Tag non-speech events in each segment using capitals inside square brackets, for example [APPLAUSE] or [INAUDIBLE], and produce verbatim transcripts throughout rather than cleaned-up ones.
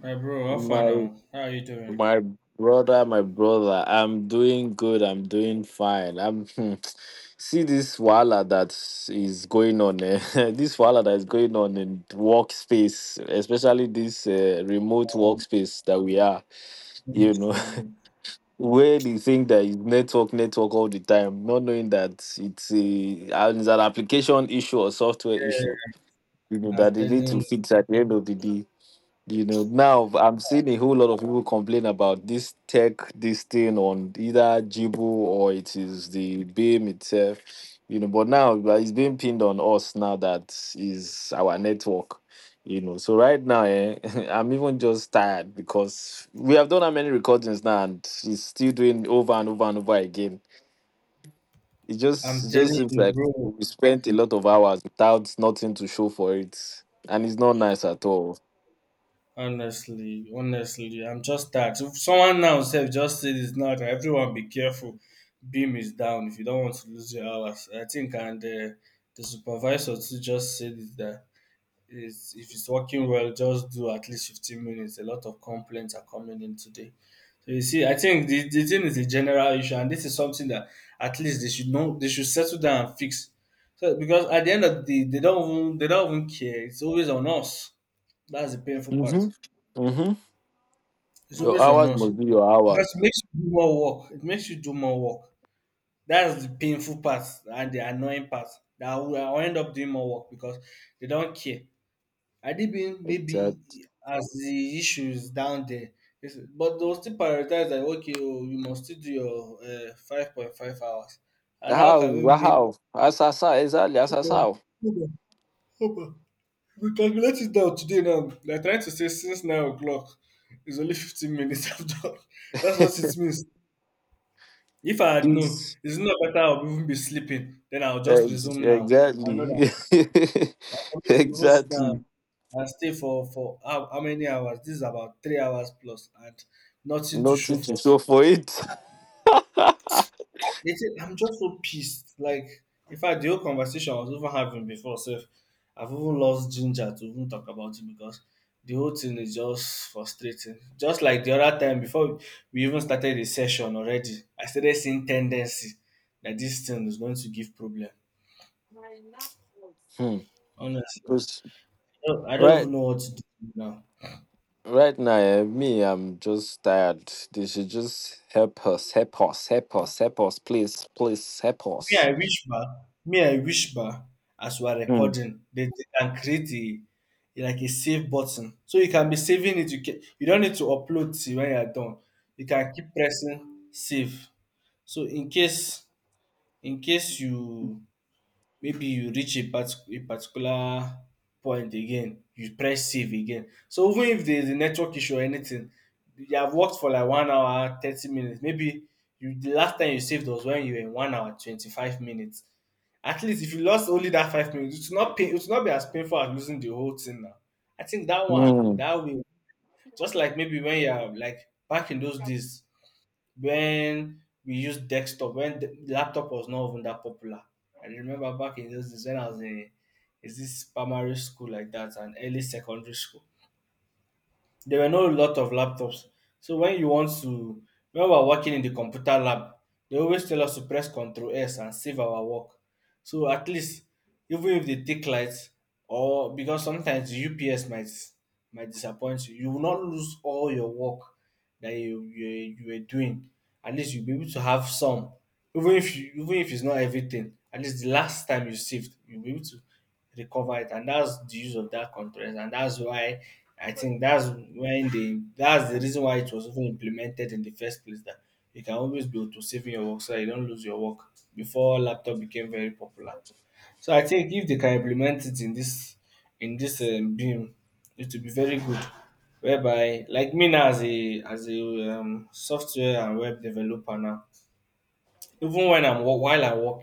My bro, how far My now? How are you doing? my brother, my brother, I'm doing good. I'm doing fine. I'm [LAUGHS] see this wala that is going on. Eh? [LAUGHS] This wala that is going on in workspace, especially this uh, remote Um, workspace that we are. You know, [LAUGHS] Honestly, where they think that is network, network all the time, not knowing that it's a it's an application issue or software issue. yeah, You know I'm that they need to telling, fix at the end of the day. You know, now I'm seeing a whole lot of people complain about this tech, this thing on either Jibu or it is the BIM itself, you know. But now like, it's being pinned on us now that is our network, you know. So right now, eh, [LAUGHS] I'm even just tired because we have done how many recordings now and it's still doing over and over and over again. It just I'm it just telling seems you, like bro. we spent a lot of hours without nothing to show for it, and it's not nice at all. Honestly, honestly, I'm just that. If someone now said just said it's not. Everyone, be careful. Beam is down if you don't want to lose your hours. I think, and uh, the supervisor too just said it that It's, if it's working well, just do at least fifteen minutes. A lot of complaints are coming in today. So you see, I think the, the thing is a general issue, and this is something that at least they should know they should settle down and fix. So because at the end of the day, they don't even they don't even care. It's always on us. That's the painful part. Mm-hmm. Mm-hmm. It's Your always on hours us. must be your hours. Because it makes you do more work. It makes you do more work. That's the painful part and the annoying part. That I will I will end up doing more work because they don't care. Adibin maybe Exactly. as the issues down there. Yes, but they'll still prioritize that okay, oh, you must still do your uh, five point five hours. And how can we How? make that? How? As as how? Exactly. As as how? We calculate it down today now? They're trying to say since nine o'clock it's only fifteen minutes [LAUGHS] after. That's what it [LAUGHS] means. If I had known, It's it's not better I'll even be sleeping, then I'll just ex- resume now. I exactly, know that. [LAUGHS] Like, always we go sit exactly. down and stay for for how, how many hours? This is about three hours plus, and nothing to show Nothing to for show it. for it. [LAUGHS] Listen, I'm just so pissed. Like, in fact, the whole conversation I was even having before, so I've even lost ginger to even talk about it because the whole thing is just frustrating. Just like the other time, before we even started the session already, I started seeing tendency that this thing is going to give problem. Honestly, I Because don't, I don't right, even know what to do now. right now, eh, me, I'm just tired. They should just help us, help us, help us, help us, please, please, help Me I us. wish ba, me I wish ba, as we are Hmm. recording, they, they can create a, a- like a save button. So you can be saving it. You can, you don't need to upload till when you are done. You can keep pressing save. So in case in case you, maybe you reach a, part- a particular point again, you press save again. So even if there's a network issue or anything, you have worked for like one hour thirty minutes. Maybe you, the last time you saved, was when you were in one hour twenty-five minutes. At least if you lost only that five minutes, it's not pain, it not be as painful as losing the whole thing now. I think that one, Hmm. that way, just like maybe when you're like back in those days when we used desktop, when the laptop was not even that popular. I remember back in those days when I was in, is this primary school like that, and early secondary school. There were not a lot of laptops. So when you want to when we were working in the computer lab, they always tell us to press Control S and save our work. So at least, even if they take light, or because sometimes the U P S might might disappoint you. You will not lose all your work that you you, you were doing. At least you'll be able to have some, even if you, even if it's not everything. At least the last time you saved, you'll be able to recover it, and that's the use of that conference, and that's why I think that's when they that's the reason why it was even implemented in the first place, that you can always be able to save in your work so that you don't lose your work before laptop became very popular. So I think if they can implement it in this in this um, beam, it will be very good. Whereby, like me now, as a as a um, software and web developer now, even when I'm wo- while I work,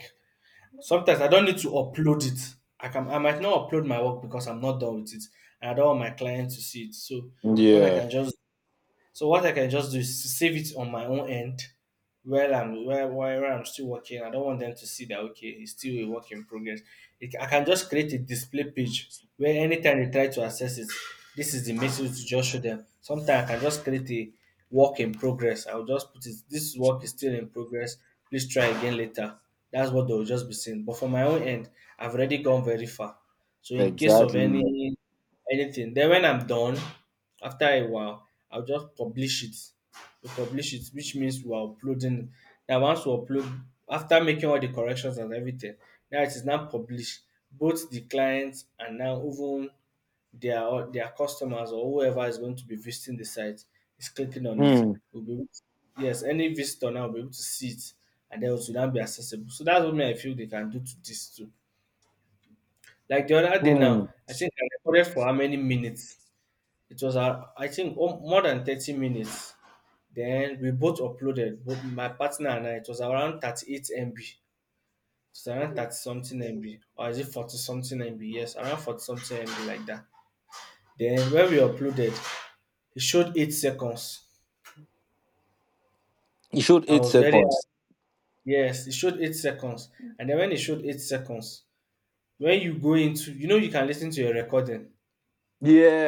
sometimes I don't need to upload it. I can I might not upload my work because I'm not done with it, and I don't want my client to see it. So what I Yeah. can just so what I can just do is save it on my own end while I'm while, while I'm still working. I don't want them to see that okay, it's still a work in progress. It, I can just create a display page where anytime they try to access it, this is the message to just show them. Sometimes I can just create a work in progress. I'll just put it this work is still in progress. Please try again later. That's what they'll just be seeing. But for my own end, I've already gone very far. So in case of Exactly. any anything, then when I'm done, after a while, I'll just publish it. We publish it, which means we are uploading. Now, once we upload, after making all the corrections and everything, now it is now published. Both the clients and now even their their customers or whoever is going to be visiting the site is clicking on it. Hmm. Will be able to- yes, any visitor now will be able to see it, and then it will now be accessible. So that's what me I feel they can do to this too. Like the other day Hmm. now, I think I recorded for how many minutes. It was, uh, I think, oh, more than thirty minutes. Then we both uploaded, both my partner and I. It was around thirty-eight M B. It's around thirty something M B, or is it forty something M B? Yes, around forty something M B, like that. Then when we uploaded, it showed eight seconds. You should I eight was very, seconds. yes, it showed eight seconds. And then when it showed eight seconds, when you go into, you know, you can listen to your recording.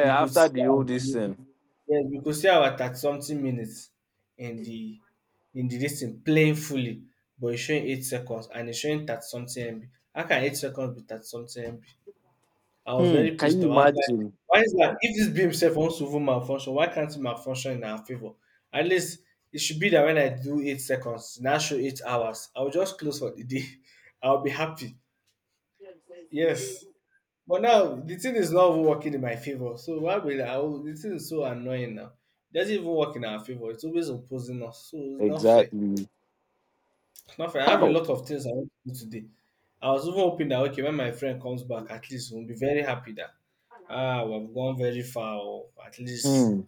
We could after see, the um, whole this thing. yes, we could I was at something minutes in the in the this playing fully, but it's showing eight seconds and it's showing thirty something M B. How can eight seconds be thirty something M B? I was Hmm, very can pissed you off. I was like, imagine? why is that? If this beam self wants to even malfunction, why can't it malfunction in our favor? At least it should be that when I do eight seconds, now show eight hours. I'll just close for the day. [LAUGHS] I'll be happy. Yes. But now the thing is not even working in my favor. So why will I? Oh, the thing is so annoying now. It doesn't even work in our favor. It's always opposing us. So it's not fair. Exactly. It's not fair. I have a How? lot of things I want to do today. I was even hoping that okay, when my friend comes back, at least we'll be very happy that ah, we've gone very far, or at least, Hmm.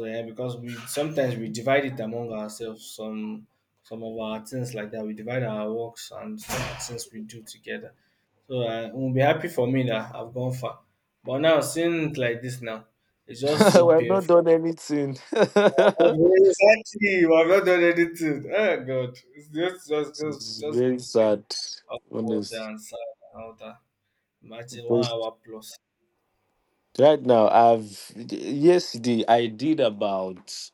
yeah, because we sometimes we divide it among ourselves. Some some of our things like that. We divide our works and some of the things we do together. So uh, it will be happy for me that I've gone far. But now seeing it like this now, it's just [LAUGHS] so We have not painful. done anything. I'm [LAUGHS] not doing- Exactly, I've not done anything. Oh God, it's just just just, It's just very going to be sad. upward Honest. and sad and all that. Imagine one Because hour plus. right now, I've yesterday I did about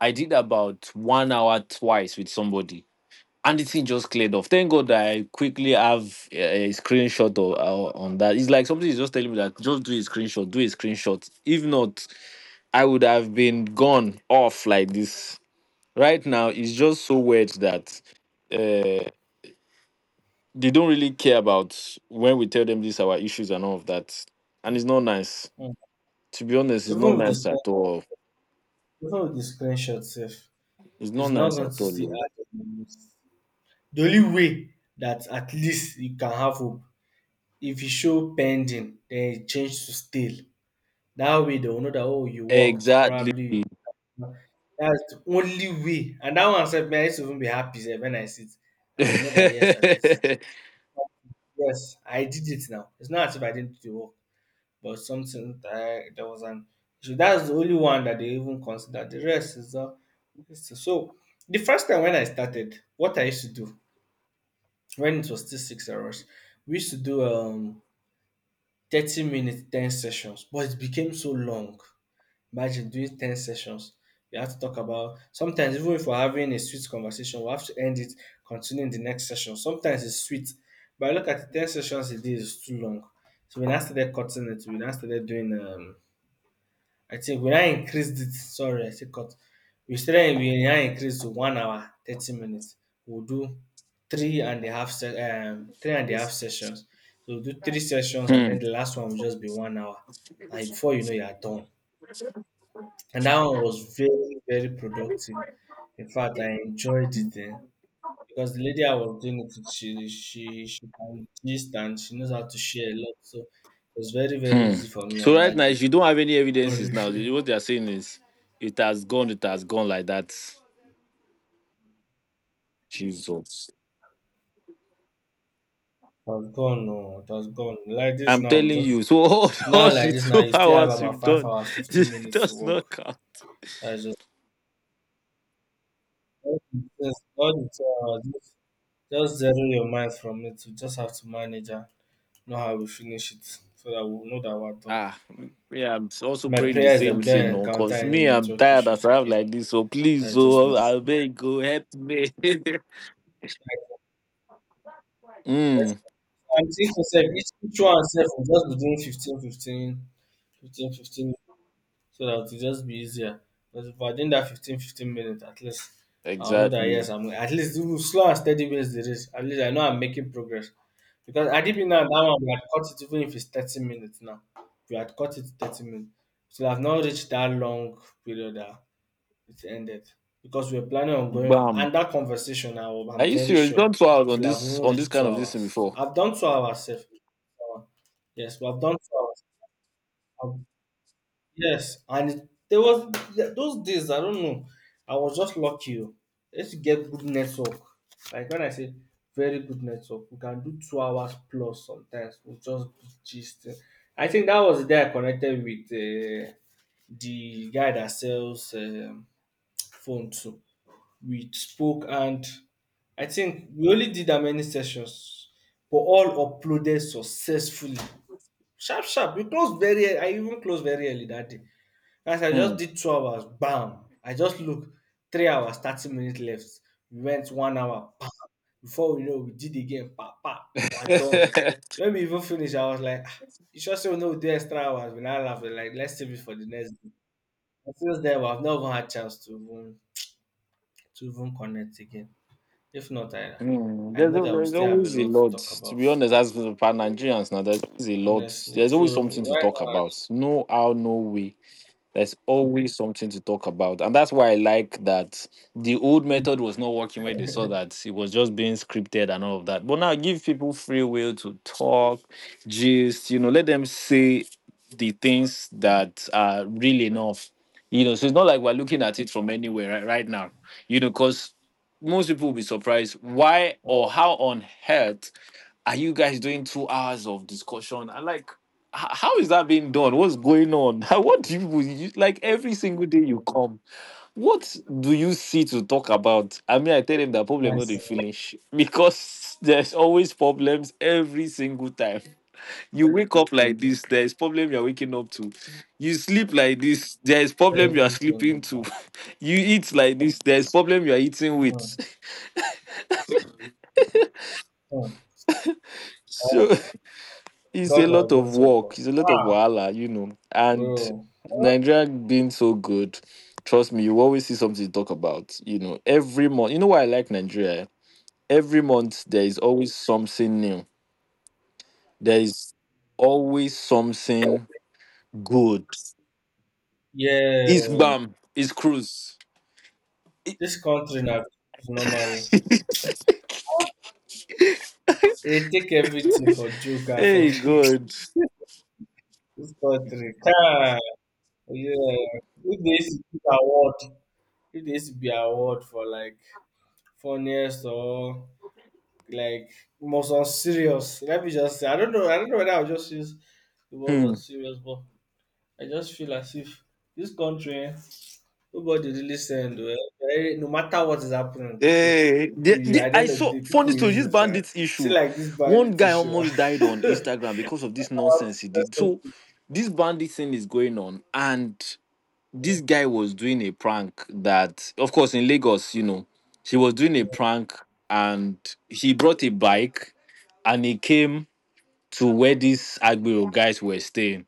I did about one hour twice with somebody. And the thing just cleared off. Thank God that I quickly have a, a screenshot of, uh, on that. It's like somebody is just telling me that just do a screenshot, do a screenshot. If not, I would have been gone off like this. Right now, it's just so weird that uh, they don't really care about when we tell them these are our issues and all of that. And it's not nice. Mm. To be honest, it's not Even with the nice at screen- all. Even with the screenshot safe, It's not it's not nice going to at all. still Oh. add up. The only way that at least you can have hope, if you show pending then it change to stale. That way they will know that oh, you worked Exactly. probably. That's the only way, and that one said, "Man, I used to even be happy sef wen I see it. I will know that yes, at least [LAUGHS] yes, I did it now. It's not as if I didn't do the work, but something that I, there was an, so dats the only one that they even consider. The rest is all dis. So the first time when I started what I used to do, when it was still six hours, we used to do um thirty minutes, ten sessions, but it became so long. Imagine doing ten sessions. We have to talk about, sometimes even if we're having a sweet conversation, we have to end it, continuing the next session. Sometimes it's sweet, but I look at it, ten sessions a day is too long. So when I started cutting it, when I started doing um I think we now increased it. Sorry, I say cut. We started we now increased to one hour thirty minutes. We'll do three and a half se- um three and a half sessions. So we'll do three sessions and Hmm, then the last one will just be one hour. And before you know you are done. And that one was very, very productive. In fact, I enjoyed it then because the lady I was doing it with, she she she can gist and she knows how to share a lot. So it was very, very hmm. easy for me So on right that now, if day. you don't have any evidences now, what they are saying is it has gone, it has gone like that. Jesus. Has gone, no, it has gone. Like this I'm now, we telling just you. So all, [LAUGHS] all now like the this now, two you still have hours we about have five done, hours, [LAUGHS] fifteen it minutes to does not work. count. That's just all the things- all the two hours. Just, just zero your mind from it. We just have to manage and know how we finish it so that we know that we're done. Ah, yeah, I'm also My praying the prayer is that same we thing, don't no, encounter cause any me, I'm network tired as issues I have again. like this. So please, That's just my. oh, I beg, go help me. [LAUGHS] mm, I'm thinking, sef, each each one sef will just be doing fifteen, fifteen, fifteen, fifteen so that it'll just be easier. Because if I did that fifteen, fifteen minutes at least, I'll know that, exactly. yes, I'm at least even slow and steady wins the race. At least I know I'm making progress. Because I did now that one we had cut it even if it's thirty minutes now. We had cut it thirty minutes. So I've not reached that long period that it ended. Because we are planning on going Bam. and that conversation now, Are I'm you very serious? You've sure done two hours it on will have this even on this reached kind two of this thing hours. before. I've done two hours safe. Yes, but I've done two hours. Yes, and it- there was th- those days I don't know. I was just lucky. Oh. I used to get good network. Like when I say very good network, we can do two hours plus sometimes. We'll just be gist. Eh. I think that was the day I connected with uh, the guy that sells um, phone too. We spoke and I think we only did that many sessions, but all uploaded successfully. Sharp, sharp. We closed very early. I even closed very early that day. As I just Hmm. did two hours, bam. I just look, three hours, thirty minutes left. We went one hour, bam. Before we know, we did again, pa, pa. We're done. [LAUGHS] When we even finished, I was like, ah, you sure say we no do extra hours? We now laugh, we're like, let's save it for the next day. And since then, I've not even had chance to even, to even connect again. If not, I, Hmm. I There's, know al- that we there's still have a always a lot to lot. talk To about, be honest, as for Pan Nigerians now, there's always a lot. honestly. There's always So something to right talk now, about. No how, no way. There's always something to talk about. And that's why I like that the old method was not working when they saw that it was just being scripted and all of that. But now give people free will to talk, gist, you know, let them say the things that are real enough. You know, so it's not like we're looking at it from anywhere right, right now, you know, because most people will be surprised why or how on earth are you guys doing two hours of discussion? I like. H- How is that being done? What's going on? [LAUGHS] What do you, you like every single day you come? What do you see to talk about? I mean, I tell them that problem not the it's nice. finish because [LAUGHS] there's always problems every single time. You wake up like this, there's problem you're waking up to. You sleep like this, there's problem you Every are single sleeping to. time. [LAUGHS] You eat like this, there's problem you are eating with. Hmm. [LAUGHS] Hmm. Uh, So. [LAUGHS] It's a God lot has of just help work. It's us. a lot of Ah, wahala, you know. And bro. Nigeria being so good, trust me, you always see something to talk about. You know, every month. You know why I like Nigeria? Eh? Every month there is always something new. There is always something good. Yeah, It's bam. It's cruise. It- this country now is normal. They take everything for joke and for Hey, [LAUGHS] good. this country. Ah, yeah. If there is to give award, if there is to be award for like funniest or like most unserious. Let me just say, I don't know. I don't know whether I'll just use the word unserious, but I just feel as if this country. eh, Nobody really send. Well, eh, no matter what is happening, people, Eh, people the- the- at the I end of the saw day, funny people story. use This it. Uh, bandits See, issue. like this One bandit guy issue. [LAUGHS] almost died on Instagram because of this nonsense Ah. he did. So this bandit thing is going on, and this guy was doing a prank that, of course, in Lagos, you know, he was doing a prank, and he brought a bike, and he came to where these Agbero guys were staying,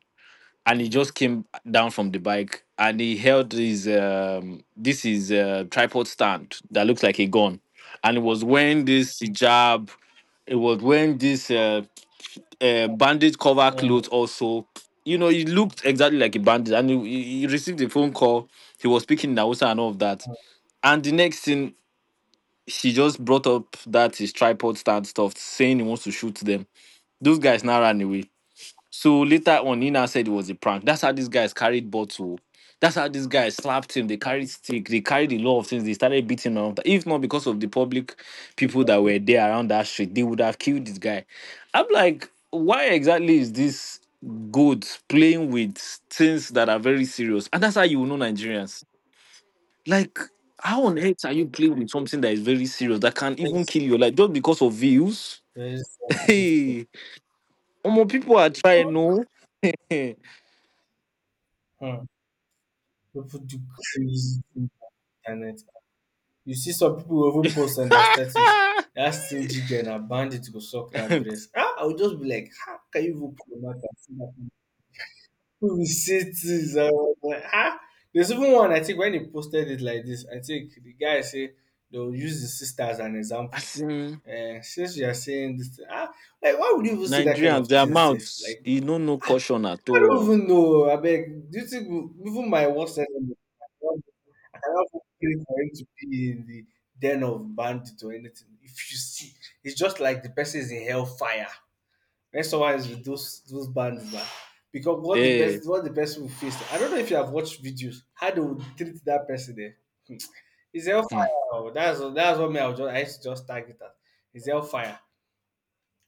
and he just came down from the bike and he held his, um this is a tripod stand that looks like a gun, and it was wearing this hijab, it was wearing this uh, uh bandage cover Uh, clothes also. You know, he looked exactly like a bandit, and he, he he received a phone call. He was speaking in Hausa and all of that, and the next thing, she just brought up that his tripod stand stuff saying he wants to shoot them. Those guys now ran away, so later on, he said it was a prank. That's how these guys carried bottle. That's how these guys slapped him. They carried stick. They carried a lot of things. They started beating him. If not because of the public people that were there around that street, they would have killed this guy. I'm like, why exactly is this good playing with things that are very serious? And that's how you will know Nigerians. Like, how on earth are you playing with something that is very serious that can even yes, kill you? Like, just because of views? [LAUGHS] very sensitive thing. Hey, more people are trying, no. Hmm. People do crazy thing on the internet. [LAUGHS] You see some people will even post on their status. [LAUGHS] That stingy girl and a bandit go suck that [LAUGHS] breast. Ah, I would just be like, how can you even promote that? We see things, I was like, ah, there's even one. I think when he posted it like this, I think the guy say they will use the sister as an [LAUGHS] example. As in, um Since you are saying this, ah, like why would you even say that kind Nigerians, of their thing? Safe, mouths, like, e no know caution at I don't all. even know, I beg. Do you think even my worst enemy, I cannot I cannot pray for him to be in the den of bandit or anything? If you see, it's just like the person is in hell fire. When someone is with those those bands, that, because what the person Hey, what the person will face. I don't know if you have watched videos how they would treat that person there. It's hmm. hellfire. Oh. That's that's what me I would just I used to just target that. It's hellfire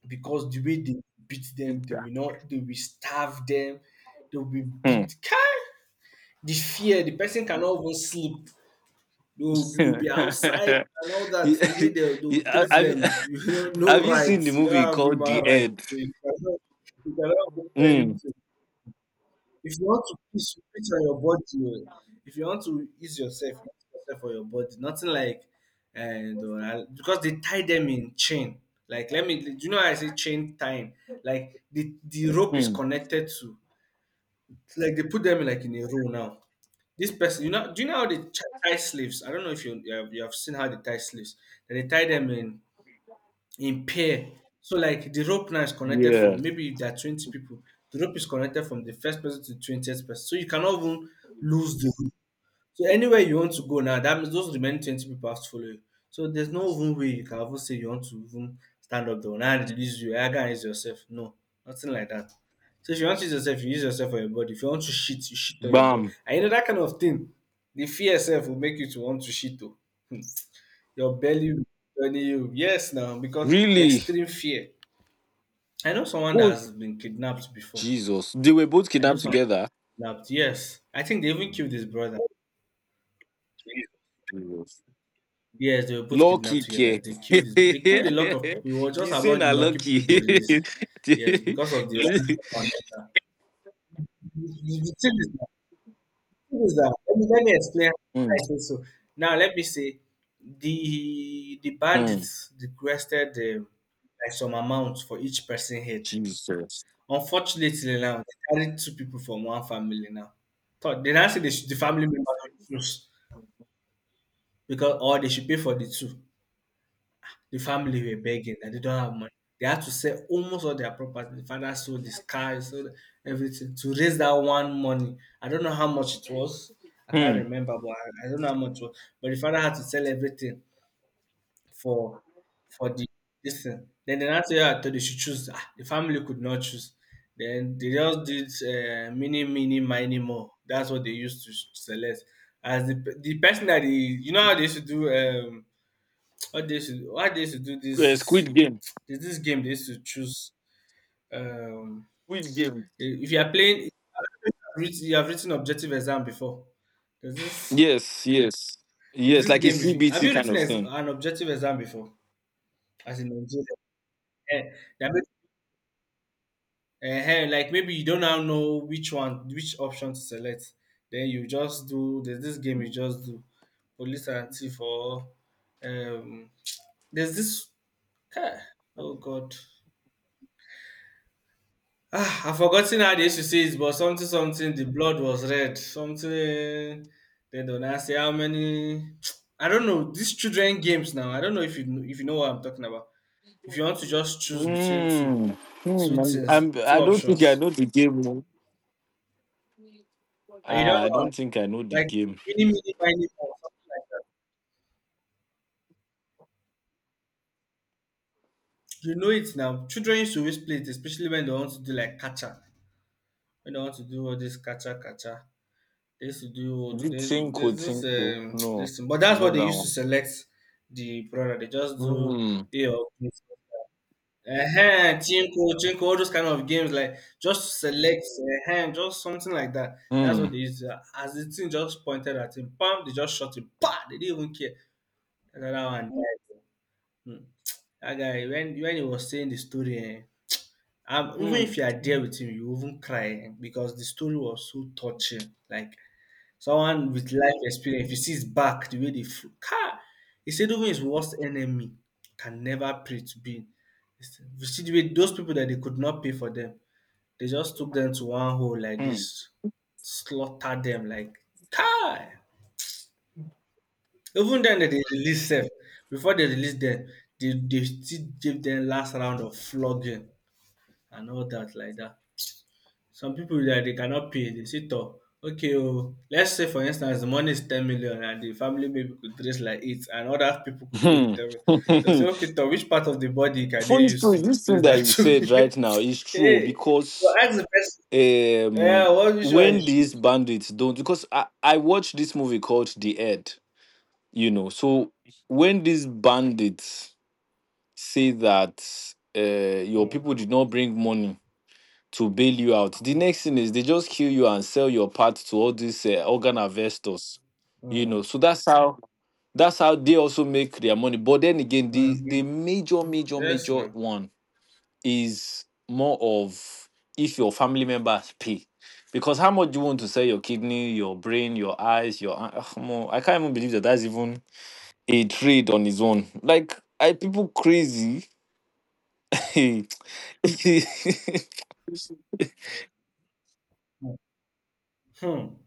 because the way they beat them, they Yeah. will not they will starve them. They will be Hmm. beat. Kai! The fear, the person cannot even sleep. They will, [LAUGHS] be- will be outside have, [LAUGHS] and all that. The way they, they will treat have you- them, [LAUGHS] you know, [LAUGHS] no have you seen the rights. You don't movie have called human The rights. End? You cannot, you cannot do Mm, anything. If you want to piss, you piss on your body. Oh. If you want to ease yourself, ease yourself on your body. Nothing like, and uh, because they tie them in chain. Like, let me, do you know how I say chain tying? Like, the, the rope is mm, connected to, like, they put them in, like in a row now. This person, you know, do you know how they ch- tie sleeves? I don't know if you you have, you have seen how they tie sleeves. Then they tie them in in pair. So like the rope now is connected yeah. from, maybe if there are twenty people, the rope is connected from the first person to the twentieth person. So you cannot even lose the rope. So anywhere you want to go now, that means those remaining twenty people have to follow you. So there's no even way you can even say you want to even stand up though and release you. I can use yourself. No, nothing like that. So if you want to use yourself, you use yourself for your body. If you want to shit, you shit on your body. Bam. And you know that kind of thing. The fear self will make you to want to shit too. Your belly will turn you. Yes now, because Really? extreme fear. I know someone that Oh, has been kidnapped before. Jesus. They were both I know kidnapped someone together. kidnapped. Yes, I think they even killed his brother. Yes. Yes, they were both kidnapped Lucky together. care. They killed his. They killed a lot of people. We were [LAUGHS] just You say among the na lucky people lucky. they released. Yes, because [LAUGHS] of the. The thing is that, the thing is that- let me let me explain mm, why I say so now. Let me say the the mm, bandits requested um, like some amount for each person head. Jesus. Unfortunately now, they carried two people from one family now. Thought they now say they should the family member should choose, because or they should pay for the two. The family were begging and they don't have money. They had to sell almost all their property. The father sold his car, he sold everything to raise that one money. I don't know how much it was. I can't Hmm. remember, but I, I don't know how much it was. But the father had to sell everything for for the this thing. Then the next year I told you should choose. Ah, the family could not choose. Then they just did uh, mini, mini, mini more. That's what they used to select. As the, pe- the person that they, you know how they used to do um what they used to, what they used to do Uh, this Squid Game. this this game they used to choose um Squid Game. if you are playing, you have written objective exam before. There's this Yes, yes, there's yes. this Like a game, if you, have C B T you kind written of ex, thing. an objective exam before as in Nigeria? Eh, they are uh like, maybe you don't now know which one which option to select, then you just do, there's this game, you just do police and thief, or um there's this, ah, oh god, ah I've forgotten how they used to say it, but something something, the blood was red something, then they not I say how many. [TSK] I don't know these children games now, I don't know if you kn- if you know what I'm talking about. If you want to just choose between two Mm. Hmm. two I'm, things, I'm. two I don't think I options, know the game. No. and you Ah, I don't know. don't think I know the Like game. mini mini miny mouse. You know it now. Children used to always play it, especially when they want to do like catcher. When they want to do all this catcher catcher. They used to do all Is th- it there's Tinko there's this, Tinko? um [TSK] No, this thing. But it's that's what not they that used to one. select the product. They just do Hmm. A or B. Uh-huh, Chinko, Chinko, all those kind of games, like just select uh just something like that. That's what they Hmm. used to As the thing just pointed at him, bam, they just shot him, pa, they didn't even care. Another one. Hmm. Dat guy when when he was saying the story, eh, um even if Hmm. you are there with him you even cry, um because the story was so touching. Like someone with life experience, if you see his back the way dey fro, kai! He said even his worst enemy can never pray to be. He said, you see the way those people that they could not pay for them, they just took them to one hole like this, Hmm. slaughter them like car. Even then that they release them, before they release them, they, they still give them last round of flogging and all that like that. Some people that they cannot pay, they sit up. Okay, oh, let's say for instance the money is 10 million and the family maybe could raise like eight and other people could pay the Hmm. 10 million. They'll say, okay, to which part of the body [LAUGHS] can they Funny use story. to This thing replace that that [LAUGHS] you 2 said million? right now is true Hey, well, because ask the person. Yeah, um what which one you when these should? bandits don't, because I I watched this movie called The Ed, you know. So when these bandits say that uh, your people Mm, did not bring money to bail you out, the next thing is they just kill you and sell your part to all these uh, organ investors. You mm, know, so that's how that's how they also make their money. But then again, the mm, the mm. major major Yes, major now. one is more of if your family members pay. Because how much do you want to sell your kidney, your brain, your eyes, your eye- ah, come on, I can't even believe that that's even a trade on his own. Like, I people crazy. [LAUGHS] He Hmm. Hmm.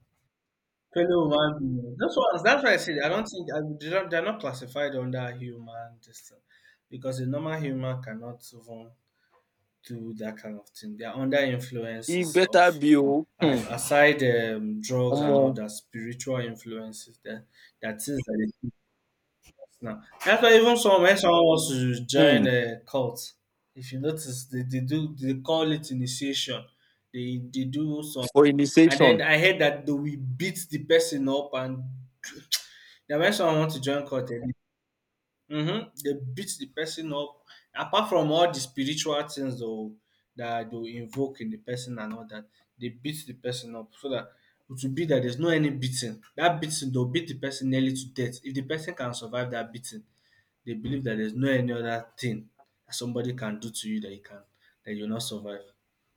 Fellow man, those ones. That's why I said I don't think I, they don't, they're not classified under human this thing, because a normal human cannot even do that kind of thing. They are under influences of better be oh, um, hmm, aside um, drugs and all omo, that spiritual influences. That that things that they fix now. That's why even some when someone wants to join hmm, a cult, if you notice, they, they do they call it initiation. They they do some for and then initiation. I heard that they will beat the person up and now, when someone wants to join cult, mm-hmm, they beat the person up. Apart from all the spiritual things though that they will invoke in the person and all that, they beat the person up so that it will be that there's no any beating. That beating they'll beat the person nearly to death. If the person can survive that beating, they believe that there's no any other thing that somebody can do to you that you can that you'll not survive.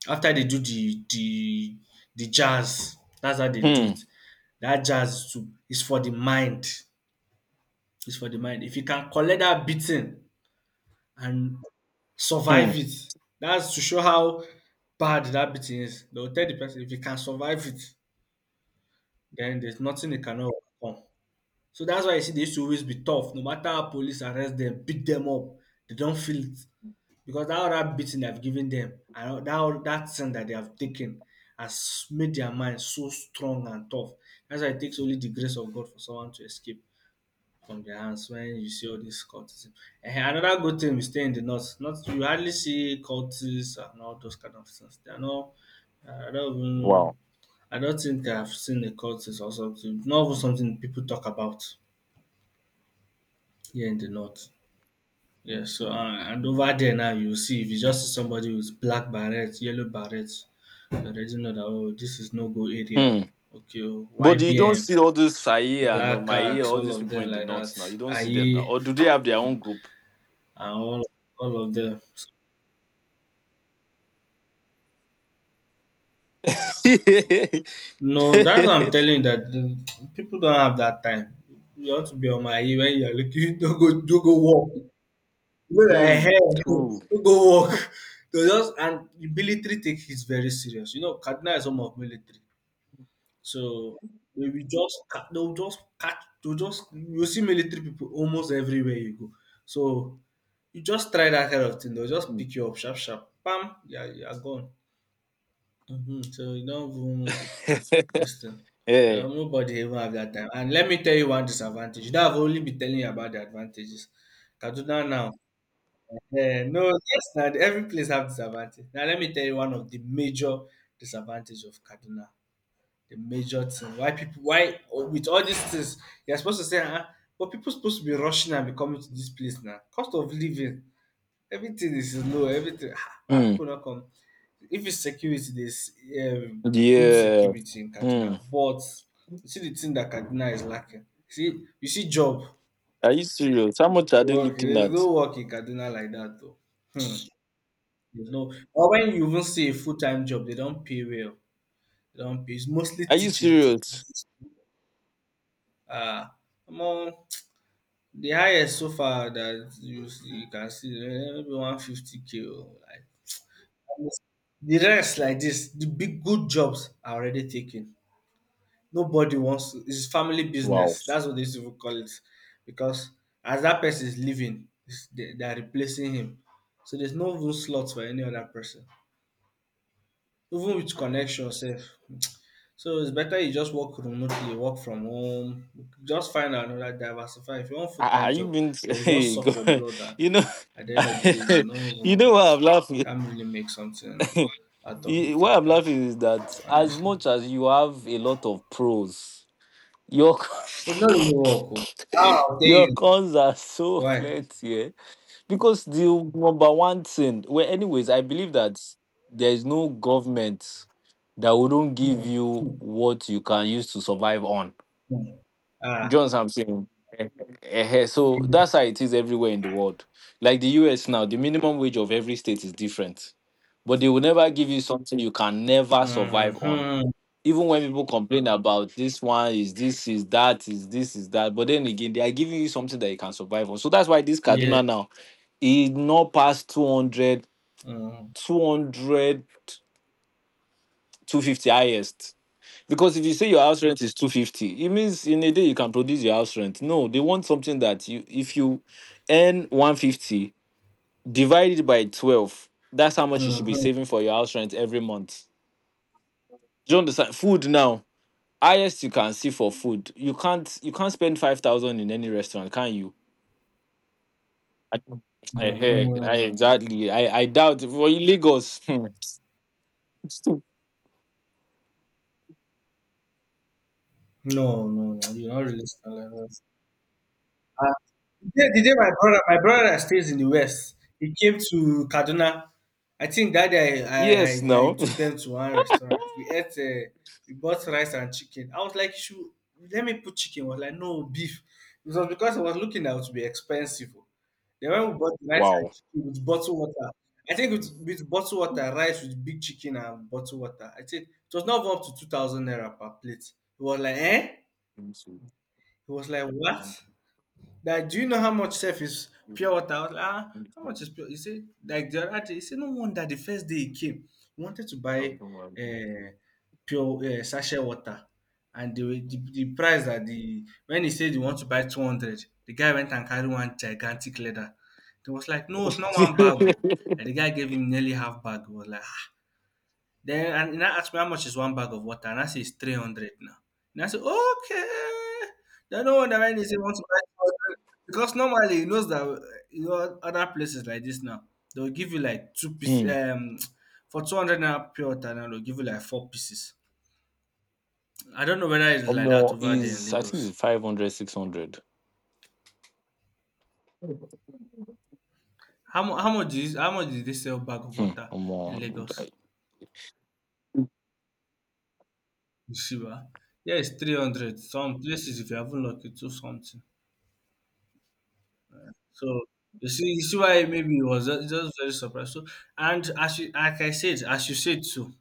After they do the the the jazz, that's how they do Hmm, it. That jazz too is for the mind. It's for the mind. If you can collect that beating and hmm, survive it, that's to show how bad that beating is. They will tell the person if you can survive it, then there's nothing they cannot overcome. So that's why you see they used to always be tough. No matter how police arrest them, beat them up, they don't feel it. Because that other beating they've given them and that that thing that they have taken has made their mind so strong and tough. That's why it takes only the grace of God for someone to escape from their hands when you see all dis cultism. And another good thing, we stay in the north. Not, you hardly see cultists and all those kind of things. They are not uh, I don't even wow. I don't think I've seen a cultist or something. Not even something people talk about here in the north. Yeah. So and and over there now you see, if you just see somebody with black beret, yellow beret, you already know that. Oh, this is no-go area Hmm. oh. Okay oh, But you don't Y B N, see all those Saia and Black Omaye, Axe, all all these of people them in the like that. north now. You don't see them now. Aye Or do they have their own group? and all all of dem. [LAUGHS] No, that's what I'm telling you that the, people don't have that time. You want to be on my ear when you're looking. [LAUGHS] Don't go, don't go walk. Look at my Hmm. hair. [LAUGHS] True. Don't go walk. [LAUGHS] So just and the military take is very serious. You know, Kaduna is home of military, so they will just ca- they will just catch. They will just you see military people almost everywhere you go. So you just try that kind of thing. They'll just pick you up sharp, sharp. Bam, yeah, you are you are gone. Hmm. So you don't even. [LAUGHS] Yes, sir. Yeah. Um, nobody even have that time. And let me tell you one disadvantage. That I've only been telling you about the advantages. Kaduna now. Eh, no, yes, now every place have disadvantage. Now let me tell you one of the major disadvantage of Kaduna. The major thing why people why with all these things you're supposed to say, huh? But people supposed to be rushing and be coming to this place now. Cost of living. Everything is low. Everything. Ah, why Hmm. people not come? If it's security, there's um, good Yeah. security in Hmm. Kaduna. But you see the thing that Kaduna is lacking. See, you see job Are you serious? How much are they work. looking There's at? no work in Kaduna like that though. Hmm. There's no. Or when you even see a full time job, they don't pay well. They don't pay. It's mostly Are you teaching. teaching. serious? Ah, come on. The highest so far that you, you can see eh, maybe one fifty k. Oh, like, yes. The rest like this, the big good jobs are already taken. Nobody wants to. It's family Wow. business. That's what they used to call it, because as that person is leaving, it's- they, they are replacing him. So there's no room slot for any other person, even with connection safe. So it's better you just work remotely, work from home. Just find another diversify. If you want full Ah, ah, time you job, been they'll [LAUGHS] just hey, suck go, your blood, and you know, at the end of the day, you will not [LAUGHS] you even know why I'm laughing. can't really make something [LAUGHS] out of You- it why like I'm that. laughing is that as Honestly. much as you have a lot of pros, your It's [LAUGHS] not really work. Oh, there your you cons are so why? plenty, eh? Because the number one thing. Well, anyways, I believe that there is no government that wouldn't give Hmm, you hmm, what you can use to survive on. hmm. Ah, John's I'm saying. Eh, eh, eh. So that's how it is everywhere in the world. Like the U S now, the minimum wage of every state is different. But they will never give you something you can never survive on. mm-hmm. Even when people complain about this one is this is that is this is that, but then again they are giving you something that you can survive on. So that's why this Yeah. Kaduna now is not past two hundred, Mm-hmm. two hundred, two fifty highest. Because if you say your house rent is two fifty, it means in a day you can produce your house rent. No, they want something that you if you earn one fifty, divided by twelve. That's how much you should be Mm-hmm. saving for your house rent every month. Do you understand? Food now. Highest you can see for food. You can't you can't spend five thousand in any restaurant, can you? I, I hear I, Mm-hmm. exactly. I, I doubt for Lagos. No, no, no, you're not really smiling. Uh, the day the day my brother my brother that stays in the West, he came to Kaduna. I think that day [LAUGHS] I, I, Yes, I, I no. took them to one restaurant. We ate, uh, we bought rice and chicken. I was like, should, let me put chicken. I was like, no, beef. It was because I was looking out to be expensive. Then when we bought rice [LAUGHS] and Wow. chicken with bottled water, I think with, with bottled water, rice with big chicken and bottled water, I think it was not even up to two thousand naira per plate. He was like, eh? He was like, what? That do you know how much self is pure water? I was like, ah, how much is pure? He said, like the other day, he said, no wonder the first day he came, he wanted to buy uh, pure uh, sachet water. And the, the, the price that the, when he said he wants to buy two hundred, the guy went and carried one gigantic leather. They was like, no, it's not one bag. Oh. And [LAUGHS] the guy gave him nearly half bag. He was like, "Ah, then and he now ask me how much is one bag of water, and I say it's three hundred now. And I say, okay. Then no wonder when he say want to buy two hundred because normally he knows that uh, you know other places like this now they'll give you like two pieces Hmm. um for two hundred naira pure water now they'll give you like four pieces. I don't know whether it's Or like that more over there in is I think Lagos. it's five hundred, six hundred. How mu- how much is how much did they sell bag of Hmm. water Or in more. Lagos? Yeshiva. Yeah, it's three hundred. Some places if you haven't lucky two something. So you see, you see why maybe it was just, just very surprised. So and as you like I said, as you said too,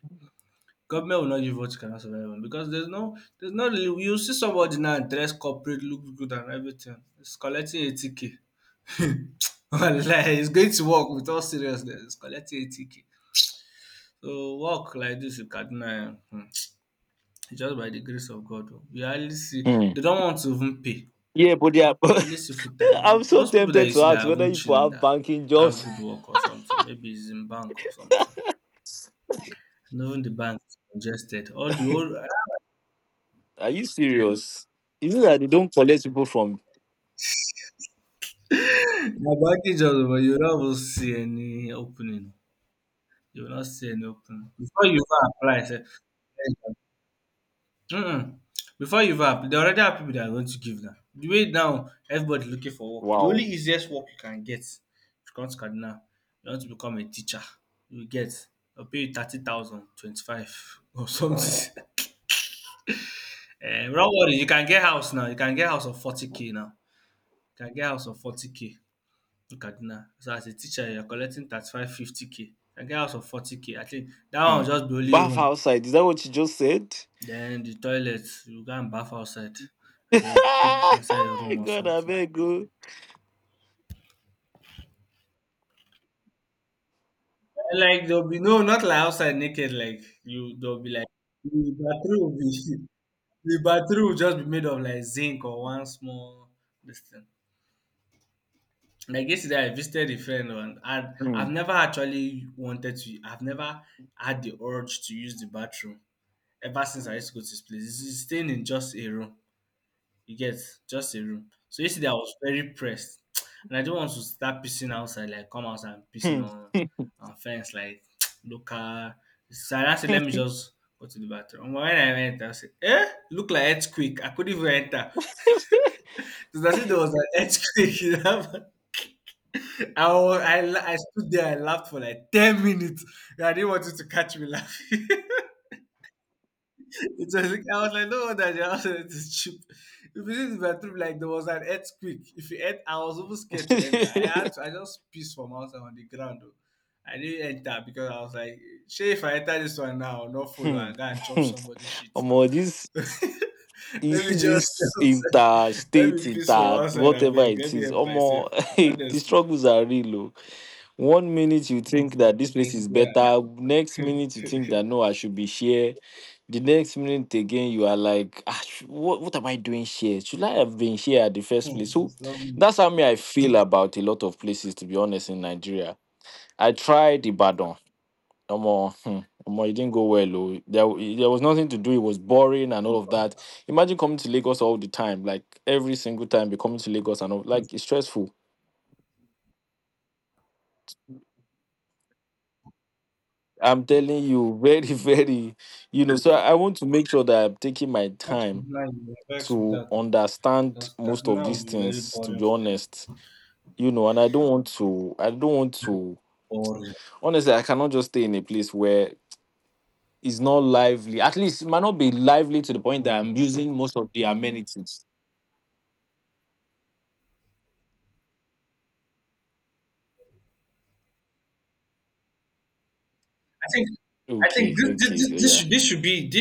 government will not give what you cannot survive on because there's no there's no really- you see somebody now dress corporate, looks good and everything. It's collecting eighty K. [LAUGHS] Wallahi, it's going to work with all seriousness. It's collecting eighty K. So work like this in Kaduna, eh, hmm, [TSK] just by the grace of God. Oh. We hardly see Hmm. they don't want to even pay. Yeah, but yeah, [LAUGHS] but At least a full I'm time. so Most people that tempted you to see ask that whether haven't people chilling have that banking have jobs. good work or something, maybe it's in bank or something. And even the bank is congested. All the old. [LAUGHS] [LAUGHS] Are you serious? [LAUGHS] Is it that they don't collect people from The banking jobs, but you don't even see any opening. You will not see any opening. Before you go apply, say, um before you vap, there already are people that are going to give now. The way now everybody looking for work. The only wow? easiest work you can get if you come to Kaduna, you want to become a teacher, you will get. They'll pay you thirty thousand, twenty-five or something. [LAUGHS] Um not worry, you can get house now. You can get house of forty k now. You can get house of forty k in Kaduna. So as a teacher, you're collecting thirty-five, fifty k. You can get house of forty k. I think that one Hmm. will just be only Bath room. outside. Is that what you just said? Then the toilets, you go and bath outside and then you cook inside your room [LAUGHS] or God, I something. beg go. Like there'll be no, not like outside naked. Like you, there'll be like the bathroom will be [LAUGHS] the bathroom will just be made of like zinc or one small this thing. Like yesterday, I visited a friend and i Hmm. I've never actually wanted to. I've never had the urge to use the bathroom ever since I used to go to this place. It's it's staying in just a room. You get just a room. So yesterday I was very pressed, [TSK] and I don't want to start pissing outside, like come outside and pissing Hmm. on on fence, like [TSK] local. So I said, let me just go to the bathroom. And when I went, I said, eh, look like earthquake. I couldn't even enter. It was as if there was an earthquake. [LAUGHS] You know? I, was, I la- I stood there, I laughed for like ten minutes. I didn't want it to catch me laughing. [LAUGHS] It was like, I was like, no wonder the house rent [LAUGHS] cheap. If it is the truth, like there was an earthquake. If you ent- I was even scared to enter. I had to, [LAUGHS] I just pissed from outside on the ground. Though. I didn't enter because I was like, sure, if I enter this one now, I'll not follow Hmm. and go [LAUGHS] and chop somebody's shit Hmm. This. now. [LAUGHS] You Let me see just this inter [LAUGHS] let me state piss from inter outside. I whatever beg. Let it me is, help myself. omo, [LAUGHS] hey, the Honestly, struggles are real o. One minute you think that this place yes, is yeah. better, next [LAUGHS] minute you think that no, I should be here, the next minute again you are like, ah, sh- what, what am I doing here, should I have been here at the first Hmm, place? So it's wrong. that's how me I feel about a lot of places, to be honest, in Nigeria. I tried Ibadan. Omo, hmm, omo, it didn't go well. Oh. There, there was nothing to do. It was boring and all of that. Imagine coming to Lagos all the time, like every single time, be coming to Lagos and all, like it's stressful. I'm telling you, very, [LAUGHS] very, you know. So I want to make sure that I'm taking my That's time nice. I'm vexed with to that too, understand because most of Kaduna these will be very things. To boring be for you. honest, you know, and I don't want to. I don't want Very to. boring. Honestly, I cannot just stay in a place where it's not lively. At least it might not be lively to the point that Mm, I'm using most of the mm. amenities. I think I think OK, this this, OK, this this yeah. should this should be this